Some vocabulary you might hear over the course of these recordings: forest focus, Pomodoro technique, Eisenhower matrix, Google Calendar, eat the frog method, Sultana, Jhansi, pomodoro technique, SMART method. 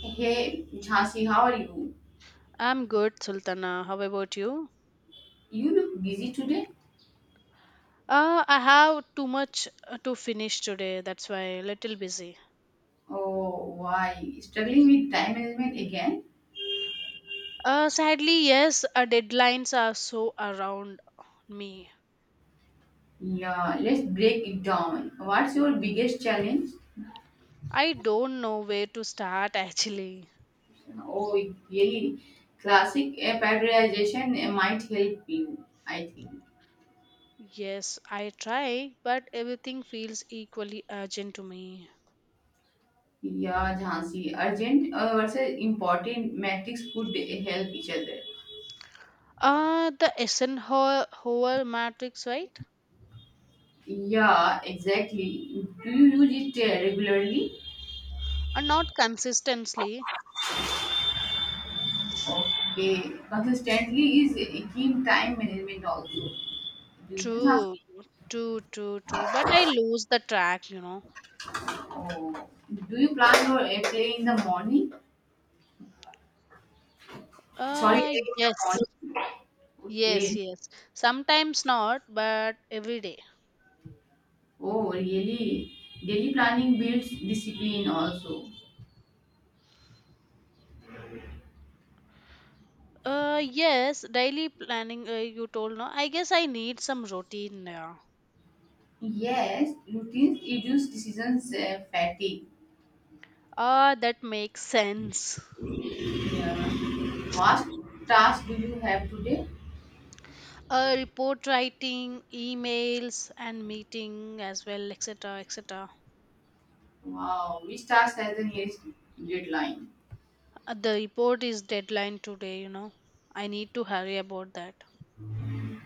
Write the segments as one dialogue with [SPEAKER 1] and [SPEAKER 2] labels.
[SPEAKER 1] Hey, Jhansi, how are you?
[SPEAKER 2] I'm good, Sultana. How about you?
[SPEAKER 1] You look busy today.
[SPEAKER 2] I have too much to finish today. That's why little busy.
[SPEAKER 1] Oh, why? Struggling with time management again?
[SPEAKER 2] Sadly, yes, deadlines are so around me.
[SPEAKER 1] Yeah, let's break it down. What's your biggest challenge?
[SPEAKER 2] I don't know where to start actually.
[SPEAKER 1] Oh, really? Classic prioritization might help you, I think.
[SPEAKER 2] Yes, I try, but everything feels equally urgent to me.
[SPEAKER 1] Yeah, Jhansi, urgent versus important metrics could help each other.
[SPEAKER 2] The Eisenhower matrix, right?
[SPEAKER 1] Yeah, exactly. Do you use it regularly?
[SPEAKER 2] Not consistently.
[SPEAKER 1] Okay, consistently is a key time management also. Do you know,
[SPEAKER 2] True,
[SPEAKER 1] Jhansi?
[SPEAKER 2] true, true, true. But I lose the track.
[SPEAKER 1] Oh, do you plan your in the morning? Sorry,
[SPEAKER 2] Uh,
[SPEAKER 1] play
[SPEAKER 2] yes.
[SPEAKER 1] in the morning.
[SPEAKER 2] Yes,
[SPEAKER 1] Okay.
[SPEAKER 2] yes. Sometimes not, but every day.
[SPEAKER 1] Oh, really? Daily planning builds discipline also.
[SPEAKER 2] Yes, daily planning. You told no. I guess I need some routine now.
[SPEAKER 1] Yes, routines reduce decisions fatigue.
[SPEAKER 2] Ah, that makes sense.
[SPEAKER 1] Yeah. What task do you have today?
[SPEAKER 2] Report writing, emails, and meeting as well, etc., etc.
[SPEAKER 1] Wow, which task has the nearest deadline?
[SPEAKER 2] The report is deadline today. I need to hurry about that.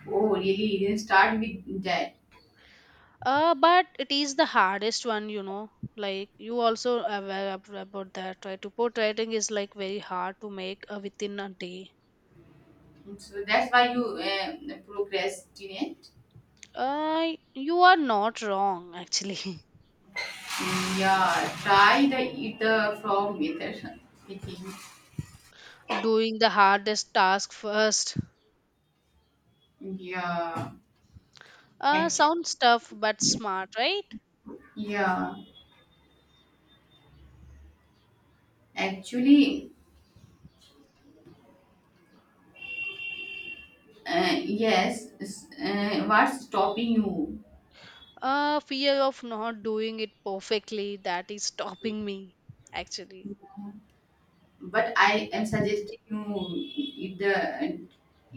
[SPEAKER 1] Oh, really? You can start with that.
[SPEAKER 2] But it is the hardest one. Like you also aware about that, right? Report writing is like very hard to make within a day.
[SPEAKER 1] So that's why you procrastinate.
[SPEAKER 2] You are not wrong, actually.
[SPEAKER 1] Yeah, try the eat the frog method thinking.
[SPEAKER 2] Doing the hardest task first.
[SPEAKER 1] Yeah,
[SPEAKER 2] Uh,
[SPEAKER 1] actually,
[SPEAKER 2] sounds tough but smart, right?
[SPEAKER 1] yeah, actually, yes. What's stopping you?
[SPEAKER 2] Fear of not doing it perfectly that is stopping me, actually.
[SPEAKER 1] But I am suggesting you eat the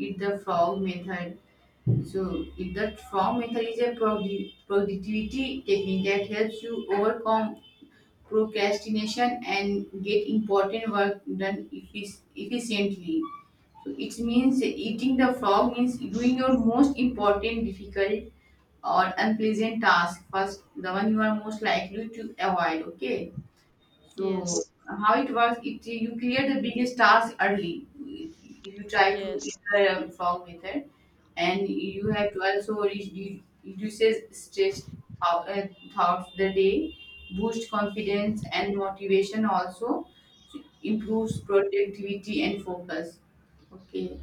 [SPEAKER 1] eat the frog method. So eat the frog method is a productivity technique that helps you overcome procrastination and get important work done efficiently. So it means eating the frog means doing your most important, difficult, or unpleasant task first, the one you are most likely to avoid. Okay. So
[SPEAKER 2] Yes,
[SPEAKER 1] how it works? It you create the biggest task early. If you try to
[SPEAKER 2] yes,
[SPEAKER 1] enter a frog method, and you have to also reduces stress thou- uh, throughout the day, boost confidence and motivation also, so improves productivity and focus. Okay.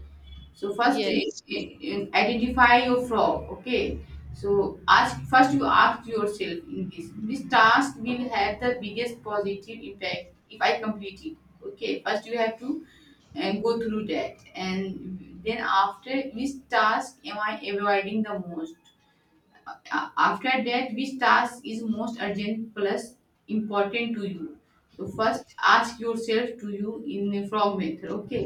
[SPEAKER 1] So first,
[SPEAKER 2] yes.
[SPEAKER 1] identify your frog. Okay. So ask first. You ask yourself in this. This task will have the biggest positive impact if I complete it. Okay. First, you have to and go through that, and then after, which task am I avoiding the most? After that, which task is most urgent plus important to you? So first ask yourself to you in a frog method. Okay.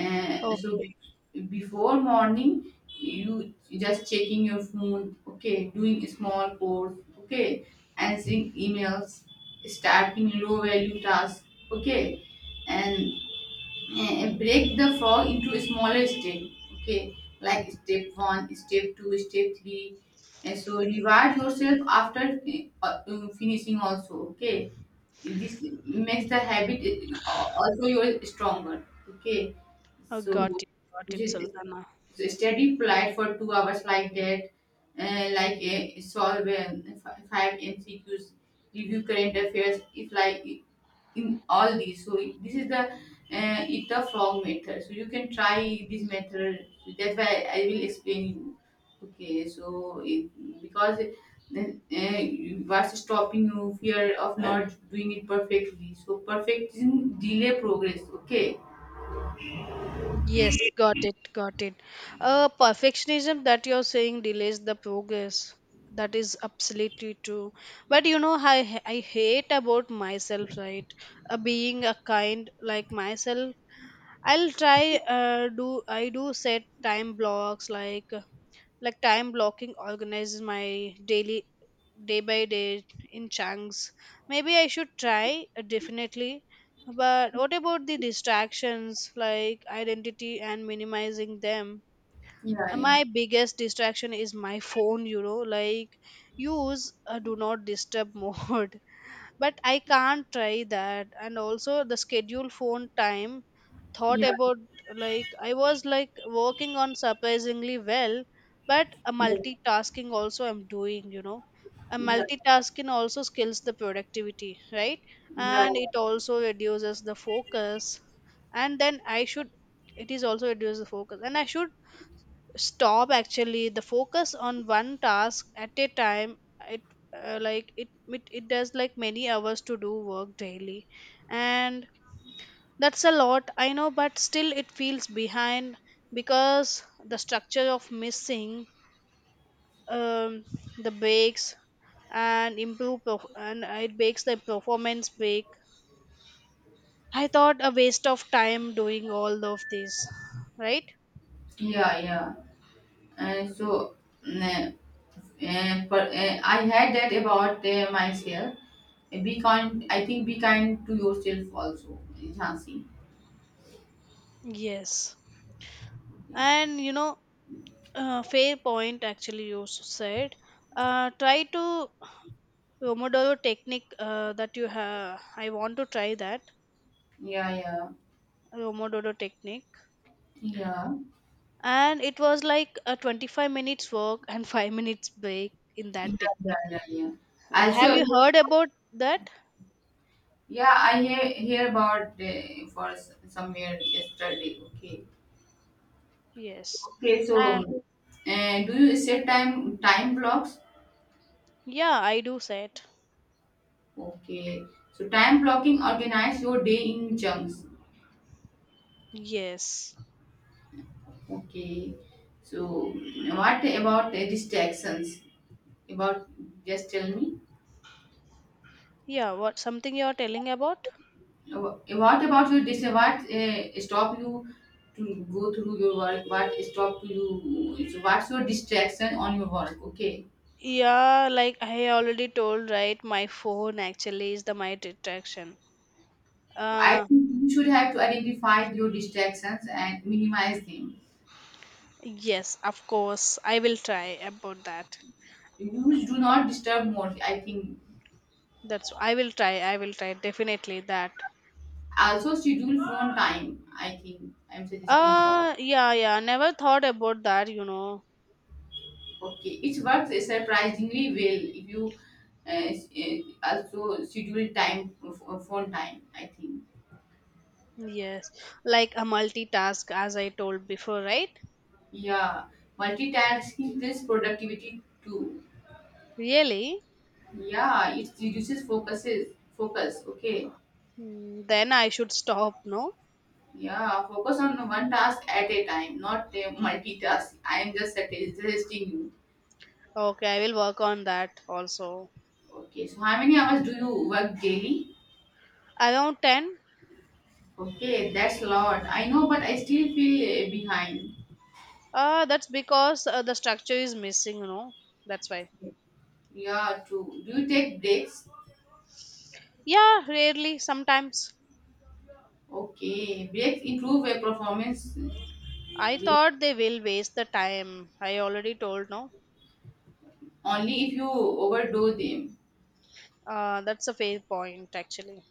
[SPEAKER 1] So
[SPEAKER 2] Okay,
[SPEAKER 1] before morning, you just checking your phone, okay, doing small course, okay, answering emails, starting low value tasks, okay, and break the frog into smaller step. Okay, like step one, step two, step three, and so reward yourself after finishing also. Okay, this makes the habit also your stronger. Okay,
[SPEAKER 2] I
[SPEAKER 1] so
[SPEAKER 2] got it,
[SPEAKER 1] you-
[SPEAKER 2] Sultana.
[SPEAKER 1] so steady polite for 2 hours like that, like solve five mcqs, review current affairs if like, in all these. So this is the eat the frog method. So you can try this method. So that's why I will explain you. Okay, so it, because then what's stopping you? Fear of not doing it perfectly. So perfecting delay progress. Okay.
[SPEAKER 2] Yes, got it, got it. Perfectionism that you're saying delays the progress. That is absolutely true. But I hate about myself, right? Being a kind like myself. I'll try do I do set time blocks like time blocking organizes my daily day by day in chunks. Maybe I should try definitely. But what about the distractions like identity and minimizing them?
[SPEAKER 1] Yeah,
[SPEAKER 2] Uh,
[SPEAKER 1] yeah,
[SPEAKER 2] My biggest distraction is my phone, like use a do not disturb mode, but I can't try that. And also the schedule phone time thought
[SPEAKER 1] yeah,
[SPEAKER 2] about, like I was like working on surprisingly well, but a
[SPEAKER 1] yeah,
[SPEAKER 2] multitasking also I'm doing. A
[SPEAKER 1] yeah,
[SPEAKER 2] multitasking also skills the productivity, right?
[SPEAKER 1] yeah,
[SPEAKER 2] And it also reduces the focus. And then I should, it is also reduces the focus. And I should stop actually the focus on one task at a time it Like it does like many hours to do work daily, and that's a lot, I know, but still it feels behind because the structure of missing um, the breaks, and and it breaks the performance break. I thought a waste of time doing all of this, right?
[SPEAKER 1] yeah, yeah. And so. mm, but I had that about myself. Be kind. I think be kind to yourself also, Jhansi.
[SPEAKER 2] Yes, and you know. Fair point, actually, you said. Try to Pomodoro technique that you have. I want to try that
[SPEAKER 1] Yeah, yeah,
[SPEAKER 2] Pomodoro technique.
[SPEAKER 1] yeah,
[SPEAKER 2] And it was like a 25 minutes work and 5 minutes break in that
[SPEAKER 1] yeah, yeah,
[SPEAKER 2] technique.
[SPEAKER 1] yeah, yeah.
[SPEAKER 2] Have
[SPEAKER 1] Also,
[SPEAKER 2] you heard about that?
[SPEAKER 1] yeah, I hear about somewhere yesterday. Okay,
[SPEAKER 2] Yes.
[SPEAKER 1] okay.
[SPEAKER 2] Uh,
[SPEAKER 1] So, do you set time blocks?
[SPEAKER 2] yeah, I do said.
[SPEAKER 1] Okay. So time blocking organize your day in chunks.
[SPEAKER 2] Yes.
[SPEAKER 1] Okay. So what about distractions? About just tell me.
[SPEAKER 2] Yeah, what something you're telling about?
[SPEAKER 1] What about your dis? What stop you to go through your work? What stop you? So what's your distraction on your work? Okay,
[SPEAKER 2] Yeah, like I already told, right? My phone actually is the my distraction.
[SPEAKER 1] I
[SPEAKER 2] Uh,
[SPEAKER 1] think you should have to identify your distractions and minimize them.
[SPEAKER 2] Yes, of course. I will try about that.
[SPEAKER 1] You do not disturb more. I think
[SPEAKER 2] That's I will try. I will try definitely that.
[SPEAKER 1] also schedule phone time. I think I'm suggesting you.
[SPEAKER 2] Yeah, yeah. Never thought about that.
[SPEAKER 1] Okay, it works surprisingly well if you uh, s- uh, also schedule time phone time. I think.
[SPEAKER 2] Yes. Like a multitask as I told before, right?
[SPEAKER 1] Yeah, multitasking this productivity too.
[SPEAKER 2] Really?
[SPEAKER 1] Yeah, it reduces focus. Okay.
[SPEAKER 2] Then I should stop, no?
[SPEAKER 1] Yeah, focus on one task at a time, not multitask. I am just suggesting you.
[SPEAKER 2] Okay, I will work on that also.
[SPEAKER 1] Okay, so how many hours do you work daily?
[SPEAKER 2] Around 10?
[SPEAKER 1] Okay, that's a lot. I know, but I still feel behind.
[SPEAKER 2] That's because the structure is missing. That's why.
[SPEAKER 1] Yeah, true. Do you take breaks?
[SPEAKER 2] Yeah, rarely sometimes.
[SPEAKER 1] Okay, breaks improve your performance
[SPEAKER 2] I thought they will waste the time. I already told no.
[SPEAKER 1] only if you overdo them.
[SPEAKER 2] That's a fair point, actually.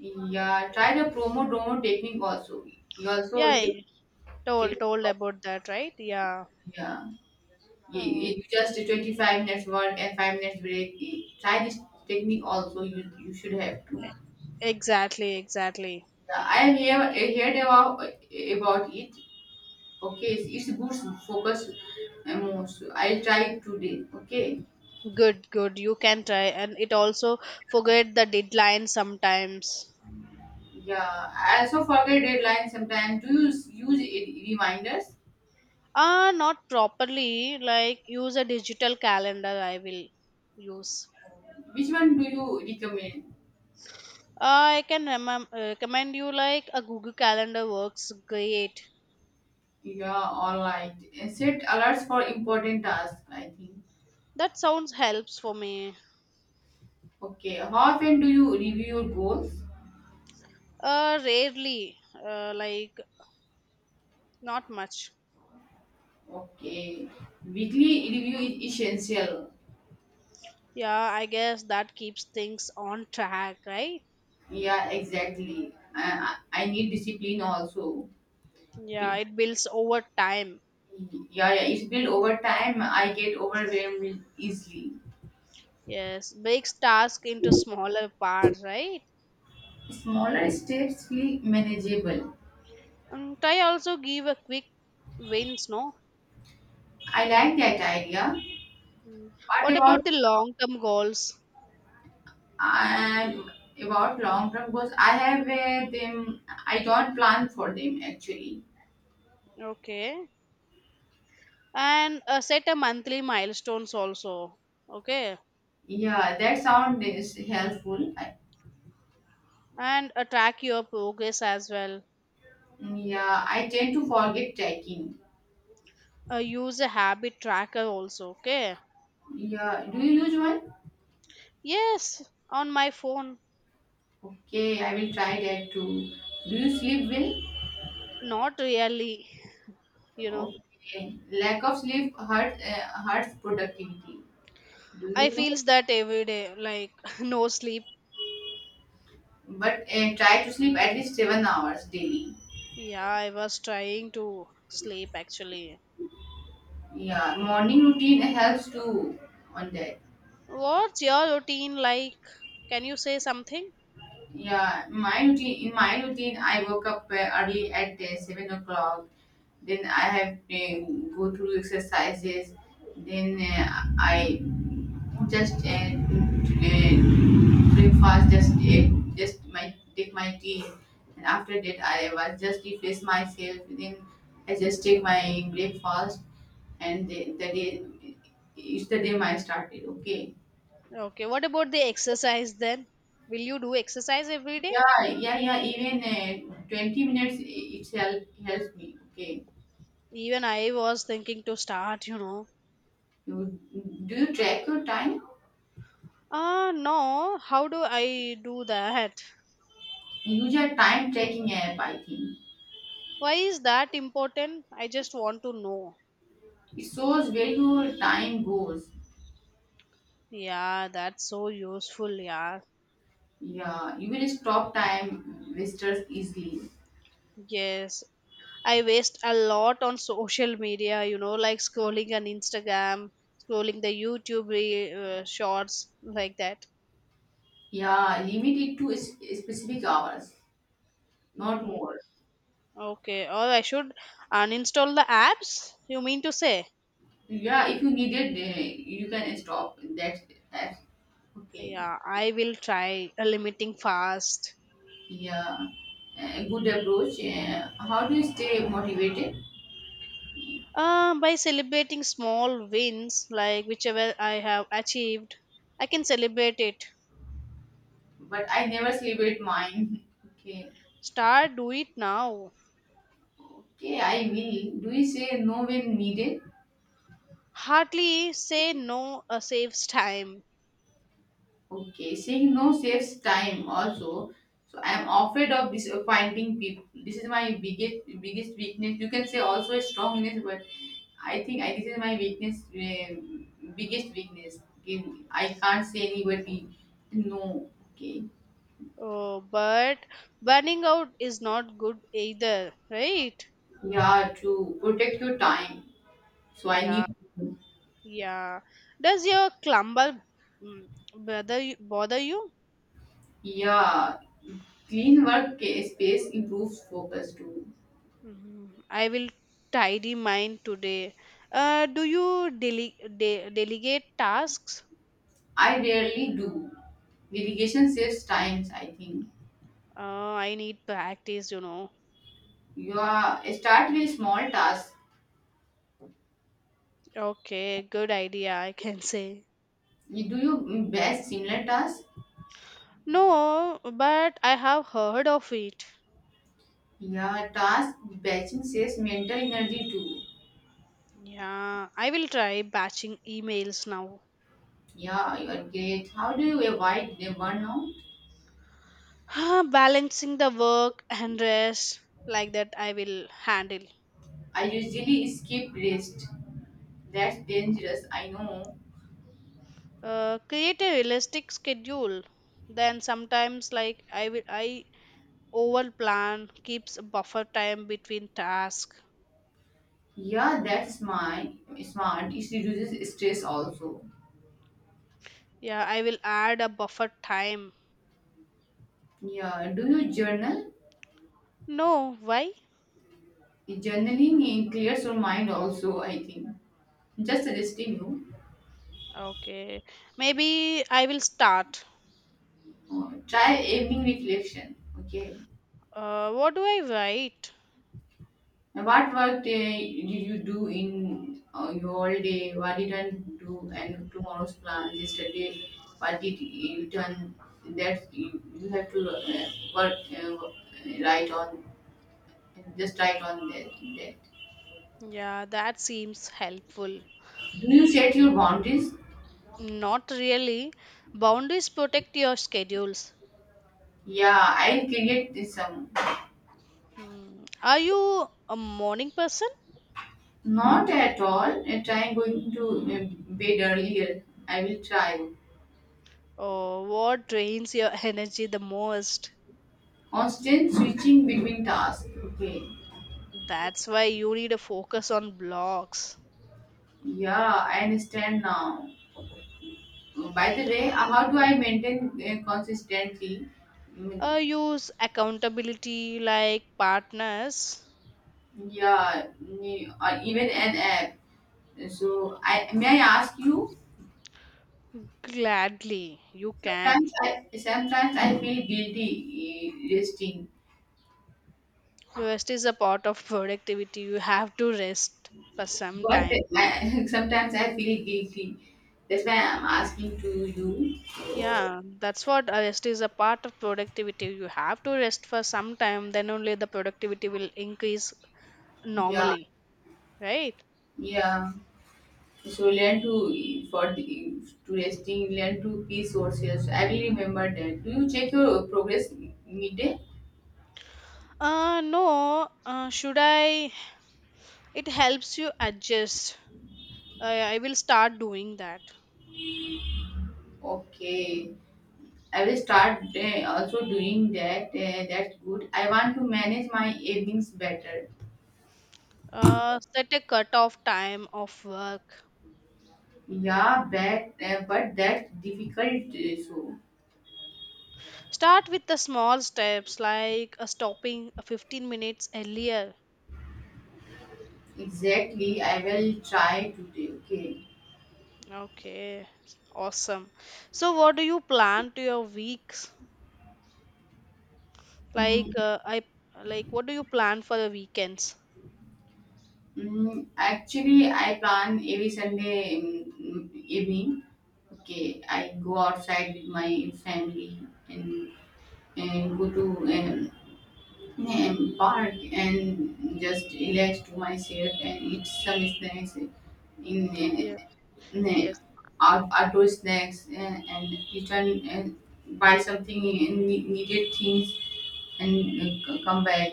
[SPEAKER 1] Yeah, try the promo domo technique also. You
[SPEAKER 2] Yeah,
[SPEAKER 1] also
[SPEAKER 2] I
[SPEAKER 1] take,
[SPEAKER 2] told about that, right? Yeah.
[SPEAKER 1] yeah.
[SPEAKER 2] Uh,
[SPEAKER 1] You just 25 minutes work and 5 minutes break. Try this technique also. You should have to.
[SPEAKER 2] exactly, exactly.
[SPEAKER 1] Yeah, I have I heard about it. Okay, it's good focus and most. I'll try it today. Okay.
[SPEAKER 2] Good, good. You can try, and it also forget the deadline sometimes.
[SPEAKER 1] Yeah, I also forget deadlines sometimes. Do you use reminders?
[SPEAKER 2] Ah, not properly. Like use a digital calendar. I will use.
[SPEAKER 1] Which one do you recommend?
[SPEAKER 2] I can recommend you like a Google Calendar works great.
[SPEAKER 1] Yeah, all right. Set alerts for important tasks, I think.
[SPEAKER 2] That sounds helps for me.
[SPEAKER 1] Okay, how often do you review your goals?
[SPEAKER 2] Rarely. Like not much.
[SPEAKER 1] Okay, weekly review is essential.
[SPEAKER 2] Yeah, I guess that keeps things on track, right?
[SPEAKER 1] Yeah, exactly. I I need discipline also.
[SPEAKER 2] Yeah,
[SPEAKER 1] It,
[SPEAKER 2] it builds over time.
[SPEAKER 1] yeah, yeah, it's built over time. I get overwhelmed easily.
[SPEAKER 2] Yes, breaks tasks into smaller parts, right?
[SPEAKER 1] Smaller steps feel manageable.
[SPEAKER 2] And try also give a quick wins, no?
[SPEAKER 1] I like that idea. What
[SPEAKER 2] What about
[SPEAKER 1] about
[SPEAKER 2] the long term goals?
[SPEAKER 1] and about long term goals I have them, I don't plan for them actually.
[SPEAKER 2] Okay. And set a monthly milestones also. Okay.
[SPEAKER 1] Yeah that sound is helpful I,
[SPEAKER 2] And track your progress as well.
[SPEAKER 1] yeah I tend to forget tracking.
[SPEAKER 2] Use a habit tracker also. Okay.
[SPEAKER 1] Yeah do you use one?
[SPEAKER 2] Yes, on my phone.
[SPEAKER 1] Okay I will try that too. Do you sleep well?
[SPEAKER 2] Not really, you know.
[SPEAKER 1] Okay, lack of sleep hurts productivity, do
[SPEAKER 2] I
[SPEAKER 1] you know?
[SPEAKER 2] feels that every day, like no sleep.
[SPEAKER 1] But try to sleep at least 7 hours daily.
[SPEAKER 2] Yeah, I was trying to sleep actually.
[SPEAKER 1] Yeah, morning routine helps too, on that.
[SPEAKER 2] What's your routine like? Can you say something?
[SPEAKER 1] Yeah, my routine. In my routine, I woke up early at 7 o'clock. Then I have to go through exercises. Then I just breakfast. Just my take my tea, and after that I was just refresh myself. Then I just take my breakfast, and the day my started. Okay.
[SPEAKER 2] Okay, what about the exercise then? Will you do exercise every day?
[SPEAKER 1] Yeah,
[SPEAKER 2] It,
[SPEAKER 1] yeah, yeah. Even 20 minutes itself helps me. Okay.
[SPEAKER 2] even I was thinking to start.
[SPEAKER 1] You, do you track your time?
[SPEAKER 2] Ah, no, how do I do that?
[SPEAKER 1] Use a time tracking app, I think.
[SPEAKER 2] Why is that important? I just want to know.
[SPEAKER 1] It shows where your time goes.
[SPEAKER 2] Yeah, that's so useful, yeah.
[SPEAKER 1] Yeah, you will stop time wasters easily.
[SPEAKER 2] Yes, I waste a lot on social media, like scrolling on Instagram, scrolling the YouTube shorts, like that.
[SPEAKER 1] Yeah, limit it to specific hours, not
[SPEAKER 2] Mm,
[SPEAKER 1] more.
[SPEAKER 2] okay, or I should uninstall the apps, you mean to say?
[SPEAKER 1] Yeah, if you need it, you can stop. That's okay.
[SPEAKER 2] Yeah, I will try limiting fast.
[SPEAKER 1] Yeah, good approach. How do you stay motivated?
[SPEAKER 2] By celebrating small wins, like whichever I have achieved, I can celebrate it.
[SPEAKER 1] But I never celebrate mine. Okay.
[SPEAKER 2] Start, do it now.
[SPEAKER 1] Okay, I will. Do you say no when needed?
[SPEAKER 2] Hardly say no saves time.
[SPEAKER 1] Okay, saying no saves time also. So I am afraid of disappointing people. This is my biggest weakness. You can say also a strongness, but I think this is my weakness, biggest weakness. Okay, I can't say anybody no. Okay,
[SPEAKER 2] Oh, but burning out is not good either, right?
[SPEAKER 1] yeah, to protect your time. So I
[SPEAKER 2] Yeah,
[SPEAKER 1] need.
[SPEAKER 2] yeah. Does your clumber bother you? Bother you?
[SPEAKER 1] Yeah, clean work space improves focus too.
[SPEAKER 2] Mhm. I will tidy mine today. Do you delegate tasks?
[SPEAKER 1] I rarely do. Delegation saves times, I think.
[SPEAKER 2] I need practice.
[SPEAKER 1] Yeah, start with small tasks.
[SPEAKER 2] Okay, good idea, I can say.
[SPEAKER 1] Do you batch similar tasks?
[SPEAKER 2] No, but I have heard of it.
[SPEAKER 1] Yeah, task batching saves mental energy too.
[SPEAKER 2] Yeah, I will try batching emails now.
[SPEAKER 1] Yeah, you are great. How do you avoid the burnout?
[SPEAKER 2] Balancing the work and rest, like that I will handle.
[SPEAKER 1] I usually skip rest. That's dangerous, I know.
[SPEAKER 2] Create a realistic schedule. Then sometimes, like, I over plan, keeps a buffer time between tasks.
[SPEAKER 1] Yeah, that's my smart. It reduces stress also.
[SPEAKER 2] Yeah, I will add a buffer time.
[SPEAKER 1] Yeah, do you journal?
[SPEAKER 2] No, why?
[SPEAKER 1] Journaling clears your mind also, I think. Just suggesting you.
[SPEAKER 2] Okay, maybe I will start.
[SPEAKER 1] Try evening reflection. Okay.
[SPEAKER 2] What do I write?
[SPEAKER 1] Now, what work day did you do in your whole day? What didn't do? And tomorrow's plan, yesterday, what did you done? That you have to write on, just write on that.
[SPEAKER 2] Yeah, that seems helpful.
[SPEAKER 1] Do you set your boundaries?
[SPEAKER 2] Not really. Boundaries protect your schedules.
[SPEAKER 1] Yeah, I'll create this some.
[SPEAKER 2] Hmm. Are you a morning person?
[SPEAKER 1] Not at all. At I'm going to bed earlier. I will try.
[SPEAKER 2] Or what drains your energy the most?
[SPEAKER 1] Constant switching between tasks. Okay.
[SPEAKER 2] That's why you need a focus on blocks.
[SPEAKER 1] Yeah, I understand now. By the way, how do I maintain consistently? Mm,
[SPEAKER 2] Use accountability like partners.
[SPEAKER 1] Yeah, or even an app. So, I may I ask you?
[SPEAKER 2] Gladly, you can.
[SPEAKER 1] Sometimes I feel guilty resting,
[SPEAKER 2] Rest is a part of productivity. You have to rest for some
[SPEAKER 1] but
[SPEAKER 2] time.
[SPEAKER 1] I, sometimes I feel guilty. That's why I'm asking to you.
[SPEAKER 2] Yeah, that's what, rest is a part of productivity. You have to rest for some time, then only the productivity will increase
[SPEAKER 1] Yeah,
[SPEAKER 2] normally, right?
[SPEAKER 1] yeah. So learn to for the- to resting, learn to be sources. I will remember that. Do you check your progress midday?
[SPEAKER 2] No, should I? It helps you adjust. I will start doing that.
[SPEAKER 1] Okay, I will start also doing that. That's good. I want to manage my evenings better.
[SPEAKER 2] Set a cutoff time of work.
[SPEAKER 1] Yeah, but that's difficult. So
[SPEAKER 2] Start with the small steps like stopping 15 minutes earlier.
[SPEAKER 1] exactly, I will try today. Okay.
[SPEAKER 2] Okay, awesome. So, what do you plan to your weeks? Like,
[SPEAKER 1] Mm,
[SPEAKER 2] I like what do you plan for the weekends?
[SPEAKER 1] Actually, I plan every Sunday evening. Okay, I go outside with my family and, and go to park and just relax to myself and eat some snacks
[SPEAKER 2] Yeah,
[SPEAKER 1] in
[SPEAKER 2] yes,
[SPEAKER 1] outdoor snacks and return and buy something in needed things and come back.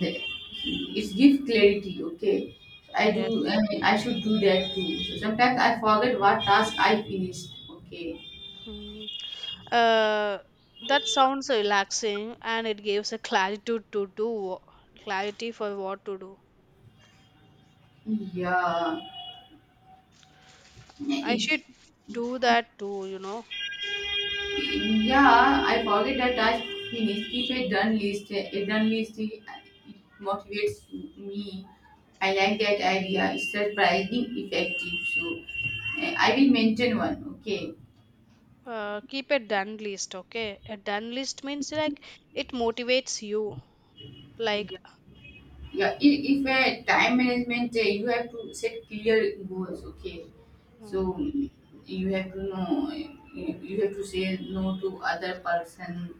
[SPEAKER 1] The, it gives clarity. Okay, I do. I,
[SPEAKER 2] yes.
[SPEAKER 1] mean, I should do that too. So sometimes I forget what task I finished. Okay,
[SPEAKER 2] Hmm. Uh, that sounds relaxing and it gives a clarity for what to do.
[SPEAKER 1] yeah,
[SPEAKER 2] I should
[SPEAKER 1] it,
[SPEAKER 2] do that too.
[SPEAKER 1] yeah. I forget that task finished. Keep a done list. A done list it motivates me. I like that idea. It's surprising effective. So I will maintain one. Okay,
[SPEAKER 2] Keep a done list, okay? A done list means like it motivates you. Like,
[SPEAKER 1] yeah, if time management, you have to set clear goals. Okay, so
[SPEAKER 2] uh,
[SPEAKER 1] you have to know, you have to say no to other person,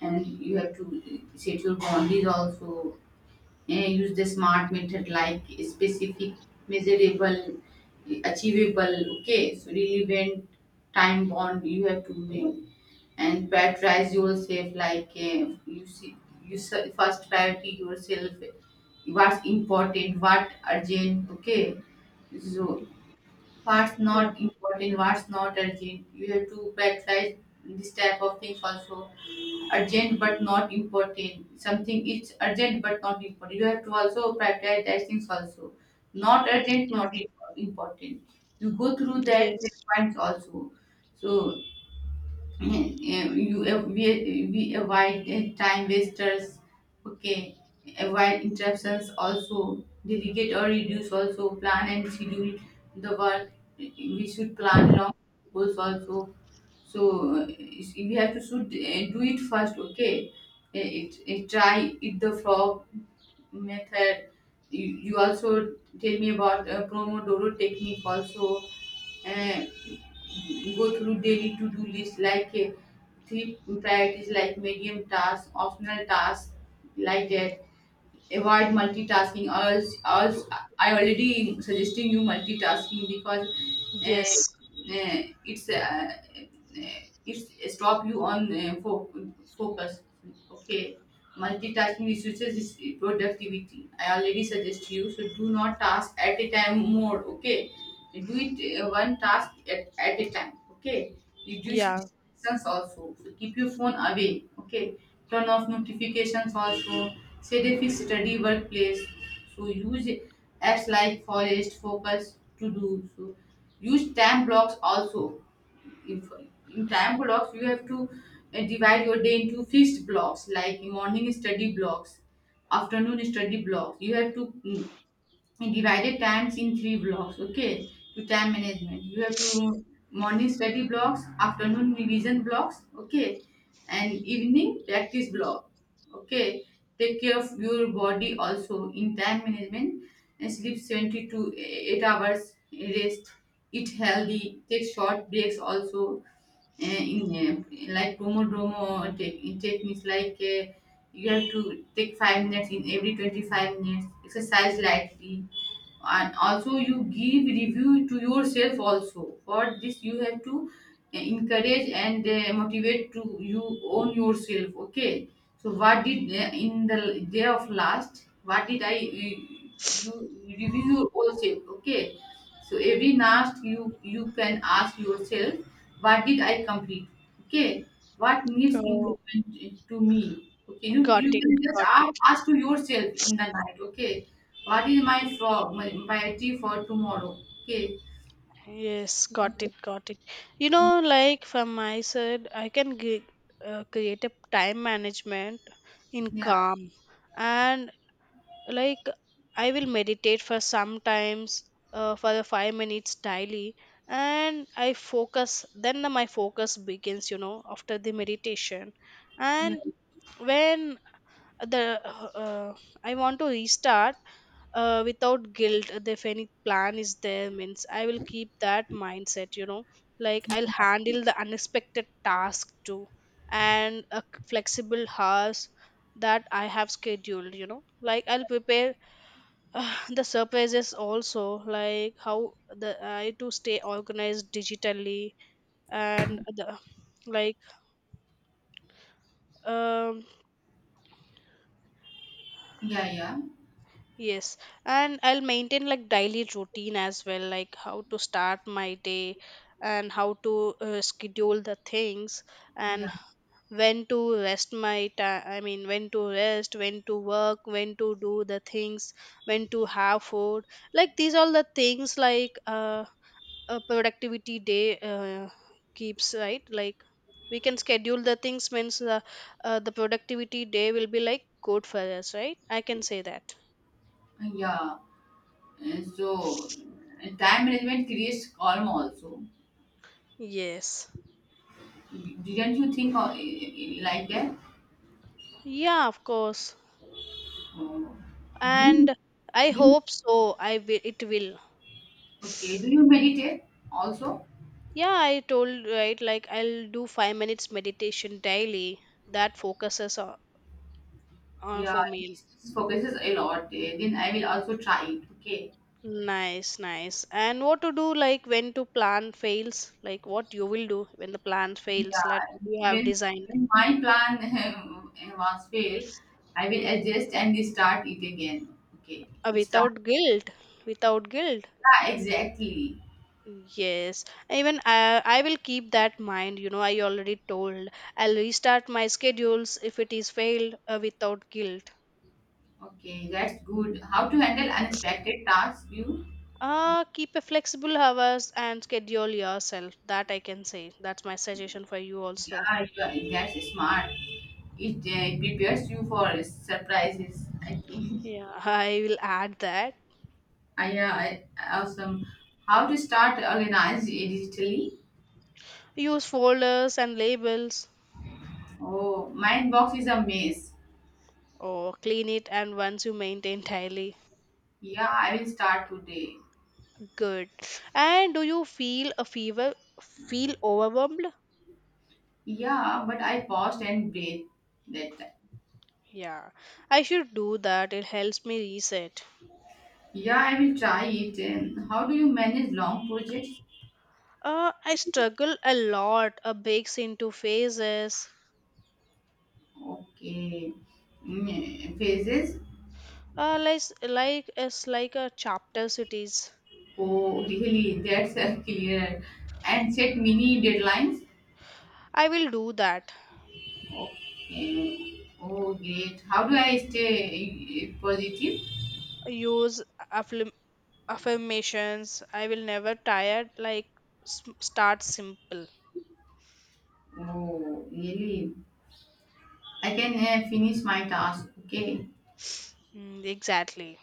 [SPEAKER 1] and you have to set your boundaries also. Use the smart method like specific, measurable, achievable, okay, so relevant, time bound, you have to make, and prioritize yourself like, you see you first priority yourself. What's important, what urgent, okay, so what's
[SPEAKER 2] yeah,
[SPEAKER 1] not important, what's not urgent, you have to prioritize this type of things also. Urgent but not important. Something is urgent but not important. You have to also prioritize that things also. Not urgent, not
[SPEAKER 2] yes,
[SPEAKER 1] im- important. You go through that
[SPEAKER 2] yes,
[SPEAKER 1] checkpoints also. So Eh, you avoid, we avoid time wasters, okay, avoid interruptions also, delegate or reduce also, plan and schedule the work. We should plan long goals also. So we have to should do it first, okay. Eh, it Try it, the frog method. You also tell me about pomodoro technique also. uh, Go through daily to-do list like three priorities like medium tasks, optional tasks like that. Avoid multitasking also. I already suggesting you multitasking because uh,
[SPEAKER 2] yes,
[SPEAKER 1] uh, it's uh, uh, it's stop you on focus, okay. Multitasking reduces is productivity. I already suggest you, so do not task at a time more, okay. Do it, one task at a time, okay. Reduce
[SPEAKER 2] yeah.
[SPEAKER 1] distractions also, so keep your phone away, okay. Turn off notifications also, set a fixed study workplace. So use apps like forest focus to do so. Use time blocks also. If in time blocks, you have to divide your day into fixed blocks like morning study blocks, afternoon study blocks. You have to I divided times in three blocks, okay, to time management. You have to morning study blocks, afternoon revision blocks, okay, and evening practice block, okay. Take care of your body also in time management, and sleep 72 to 8 hours, rest, eat healthy, take short breaks also, in like pomodoro techniques like, you have to take 5 minutes in every 25 minutes, exercise lightly. And also you give review to yourself also. For this you have to encourage and motivate to you, own yourself, okay. So what did in the day of last, what did I you review your own self, okay. So every night you can ask yourself, what did I complete? Okay, what needs
[SPEAKER 2] Oh,
[SPEAKER 1] improvement to me? Okay, you,
[SPEAKER 2] got
[SPEAKER 1] you
[SPEAKER 2] it,
[SPEAKER 1] can just
[SPEAKER 2] got it.
[SPEAKER 1] ask, ask to yourself in the night. Okay, what is my flaw, my priority for tomorrow? Okay,
[SPEAKER 2] Yes, got it, got it. Like from my side, I can create a time management in
[SPEAKER 1] yeah,
[SPEAKER 2] calm, and like I will meditate for sometimes for the 5 minutes daily, and I focus. Then my focus begins. After the meditation,
[SPEAKER 1] yeah,
[SPEAKER 2] and when the uh, I want to restart without guilt, if any plan is there means I will keep that mindset, like I'll handle the unexpected task too, and a flexible hours that I have scheduled, like I'll prepare the surprises also, like how the I to stay organized digitally and the like um
[SPEAKER 1] yeah, yeah,
[SPEAKER 2] Yes, and I'll maintain like daily routine as well, like how to start my day and how to schedule the things
[SPEAKER 1] yeah,
[SPEAKER 2] and when to rest my time. I mean, when to rest, when to work, when to do the things, when to have food. Like these all the things like a productivity day keeps right. Like we can schedule the things means the productivity day will be like good for us, right? I can say that.
[SPEAKER 1] yeah. And so, and time management creates calm also.
[SPEAKER 2] Yes.
[SPEAKER 1] Didn't you think of, like that?
[SPEAKER 2] Yeah, of course.
[SPEAKER 1] Oh. Do you?
[SPEAKER 2] And I
[SPEAKER 1] Do you
[SPEAKER 2] hope so. It will.
[SPEAKER 1] Okay, do you meditate also?
[SPEAKER 2] Yeah, I told right, like I'll do 5 minutes meditation daily that focuses on,
[SPEAKER 1] Yeah,
[SPEAKER 2] for me.
[SPEAKER 1] this focuses a lot. Then I will also try it. Okay.
[SPEAKER 2] Nice, nice. And what to do like when to plan fails? Like what you will do when the plan fails that
[SPEAKER 1] Yeah,
[SPEAKER 2] you have
[SPEAKER 1] when
[SPEAKER 2] designed.
[SPEAKER 1] my plan was failed, I will adjust and start it again. Okay,
[SPEAKER 2] uh,
[SPEAKER 1] start.
[SPEAKER 2] without guilt, without guilt.
[SPEAKER 1] Yeah, exactly.
[SPEAKER 2] Yes, even I will keep that mind. I already told I'll restart my schedules if it is failed without guilt.
[SPEAKER 1] Okay, that's good. How to handle unexpected tasks? You,
[SPEAKER 2] Keep a flexible hours and schedule yourself. That I can say. That's my suggestion for you also.
[SPEAKER 1] yeah. You are, that's smart. It prepares you for surprises, I think.
[SPEAKER 2] Yeah, I will add that.
[SPEAKER 1] Awesome. How to start organize it digitally?
[SPEAKER 2] Use folders and labels
[SPEAKER 1] Oh, my box is a mess.
[SPEAKER 2] or clean it and once you maintain daily.
[SPEAKER 1] Yeah, I will start today.
[SPEAKER 2] Good. And do you feel a fever feel overwhelmed?
[SPEAKER 1] Yeah, but I paused and breathed that time.
[SPEAKER 2] Yeah. I should do that. It helps me reset.
[SPEAKER 1] Yeah, I will try it. And how do you manage long projects?
[SPEAKER 2] I struggle a lot. A breaks into phases.
[SPEAKER 1] Okay, mm, phases.
[SPEAKER 2] Like it's like a chapter cities.
[SPEAKER 1] Oh, really? That's clear. And set mini deadlines.
[SPEAKER 2] I will do that.
[SPEAKER 1] Okay. Oh, great. How do I stay positive?
[SPEAKER 2] Use affirm- affirmations. I will never tired, like start simple.
[SPEAKER 1] Oh, really? I can finish my task. Okay.
[SPEAKER 2] Exactly.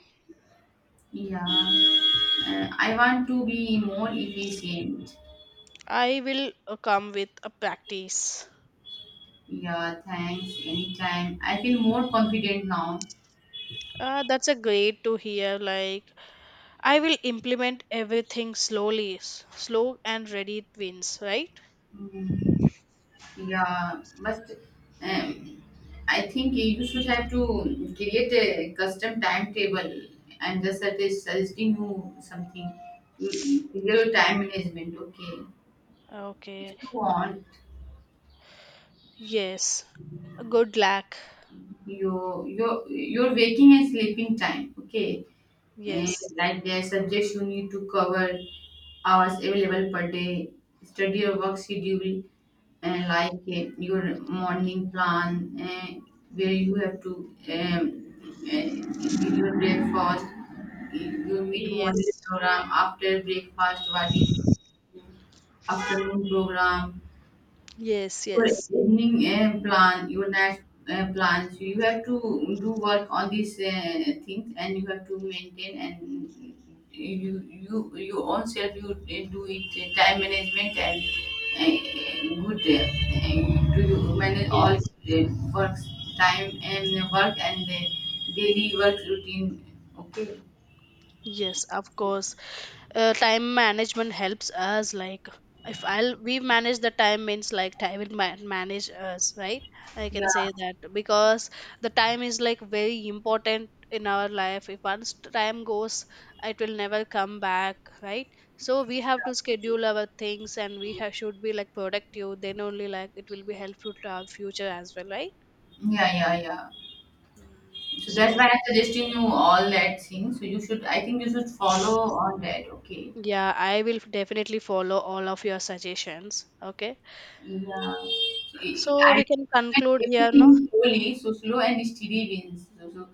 [SPEAKER 1] Yeah. I want to be more efficient.
[SPEAKER 2] I will come with a practice.
[SPEAKER 1] Yeah. Thanks. Anytime. I feel more confident now.
[SPEAKER 2] That's a great to hear, like I will implement everything slowly, slow and ready wins, right?
[SPEAKER 1] Mm, yeah. But um, I think you should have to create a custom timetable, and just that is suggesting you something. Mm,
[SPEAKER 2] Ye-
[SPEAKER 1] your time management. Okay. If
[SPEAKER 2] okay,
[SPEAKER 1] you want,
[SPEAKER 2] yes, good luck.
[SPEAKER 1] your waking and sleeping time, okay, and
[SPEAKER 2] Yes,
[SPEAKER 1] like the subjects you need to cover, hours available per day, study your work schedule, and like your morning plan, and where you have to do your breakfast, your mid morning
[SPEAKER 2] yes,
[SPEAKER 1] program after breakfast, what is afternoon program
[SPEAKER 2] yes,
[SPEAKER 1] for,
[SPEAKER 2] yes,
[SPEAKER 1] evening plan, your night plans. You have to do work on these things, and you have to maintain. And you you your own self, you do it, time management. And good do you manage all
[SPEAKER 2] yes.
[SPEAKER 1] works, time and work and, daily work routine, okay,
[SPEAKER 2] Yes, of course. Time management helps us. Like, if I'll we manage the time means like time will manage us, right? I
[SPEAKER 1] yeah,
[SPEAKER 2] can say that because the time is like very important in our life. If once time goes, it will never come back, right? So we have to schedule our things, and should be like productive. Then only like it will be helpful to our future as well, right?
[SPEAKER 1] yeah, yeah, yeah.
[SPEAKER 2] Mm.
[SPEAKER 1] So that's why
[SPEAKER 2] So,
[SPEAKER 1] I'm suggesting you all that thing, so you should, I think you should follow on that, okay.
[SPEAKER 2] yeah, I will definitely follow all of your suggestions. Okay.
[SPEAKER 1] Yeah.
[SPEAKER 2] So
[SPEAKER 1] I
[SPEAKER 2] we can conclude
[SPEAKER 1] implement
[SPEAKER 2] here, no?
[SPEAKER 1] everything slowly, so slow and steady wins. So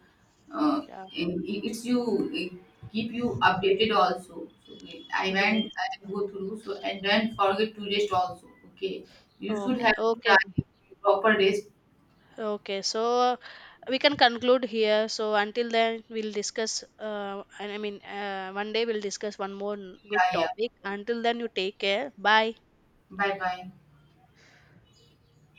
[SPEAKER 1] uh,
[SPEAKER 2] Yeah.
[SPEAKER 1] it's you, it keep you updated also. So okay,
[SPEAKER 2] Yes.
[SPEAKER 1] I go through so, and don't forget to rest also. Okay, you should
[SPEAKER 2] Okay.
[SPEAKER 1] have to try
[SPEAKER 2] Okay.
[SPEAKER 1] proper rest.
[SPEAKER 2] Okay. So we can conclude here. So until then, we'll discuss. And I mean, one day we'll discuss one more good
[SPEAKER 1] Yeah, yeah.
[SPEAKER 2] topic. Until then, you take care. Bye.
[SPEAKER 1] Bye bye.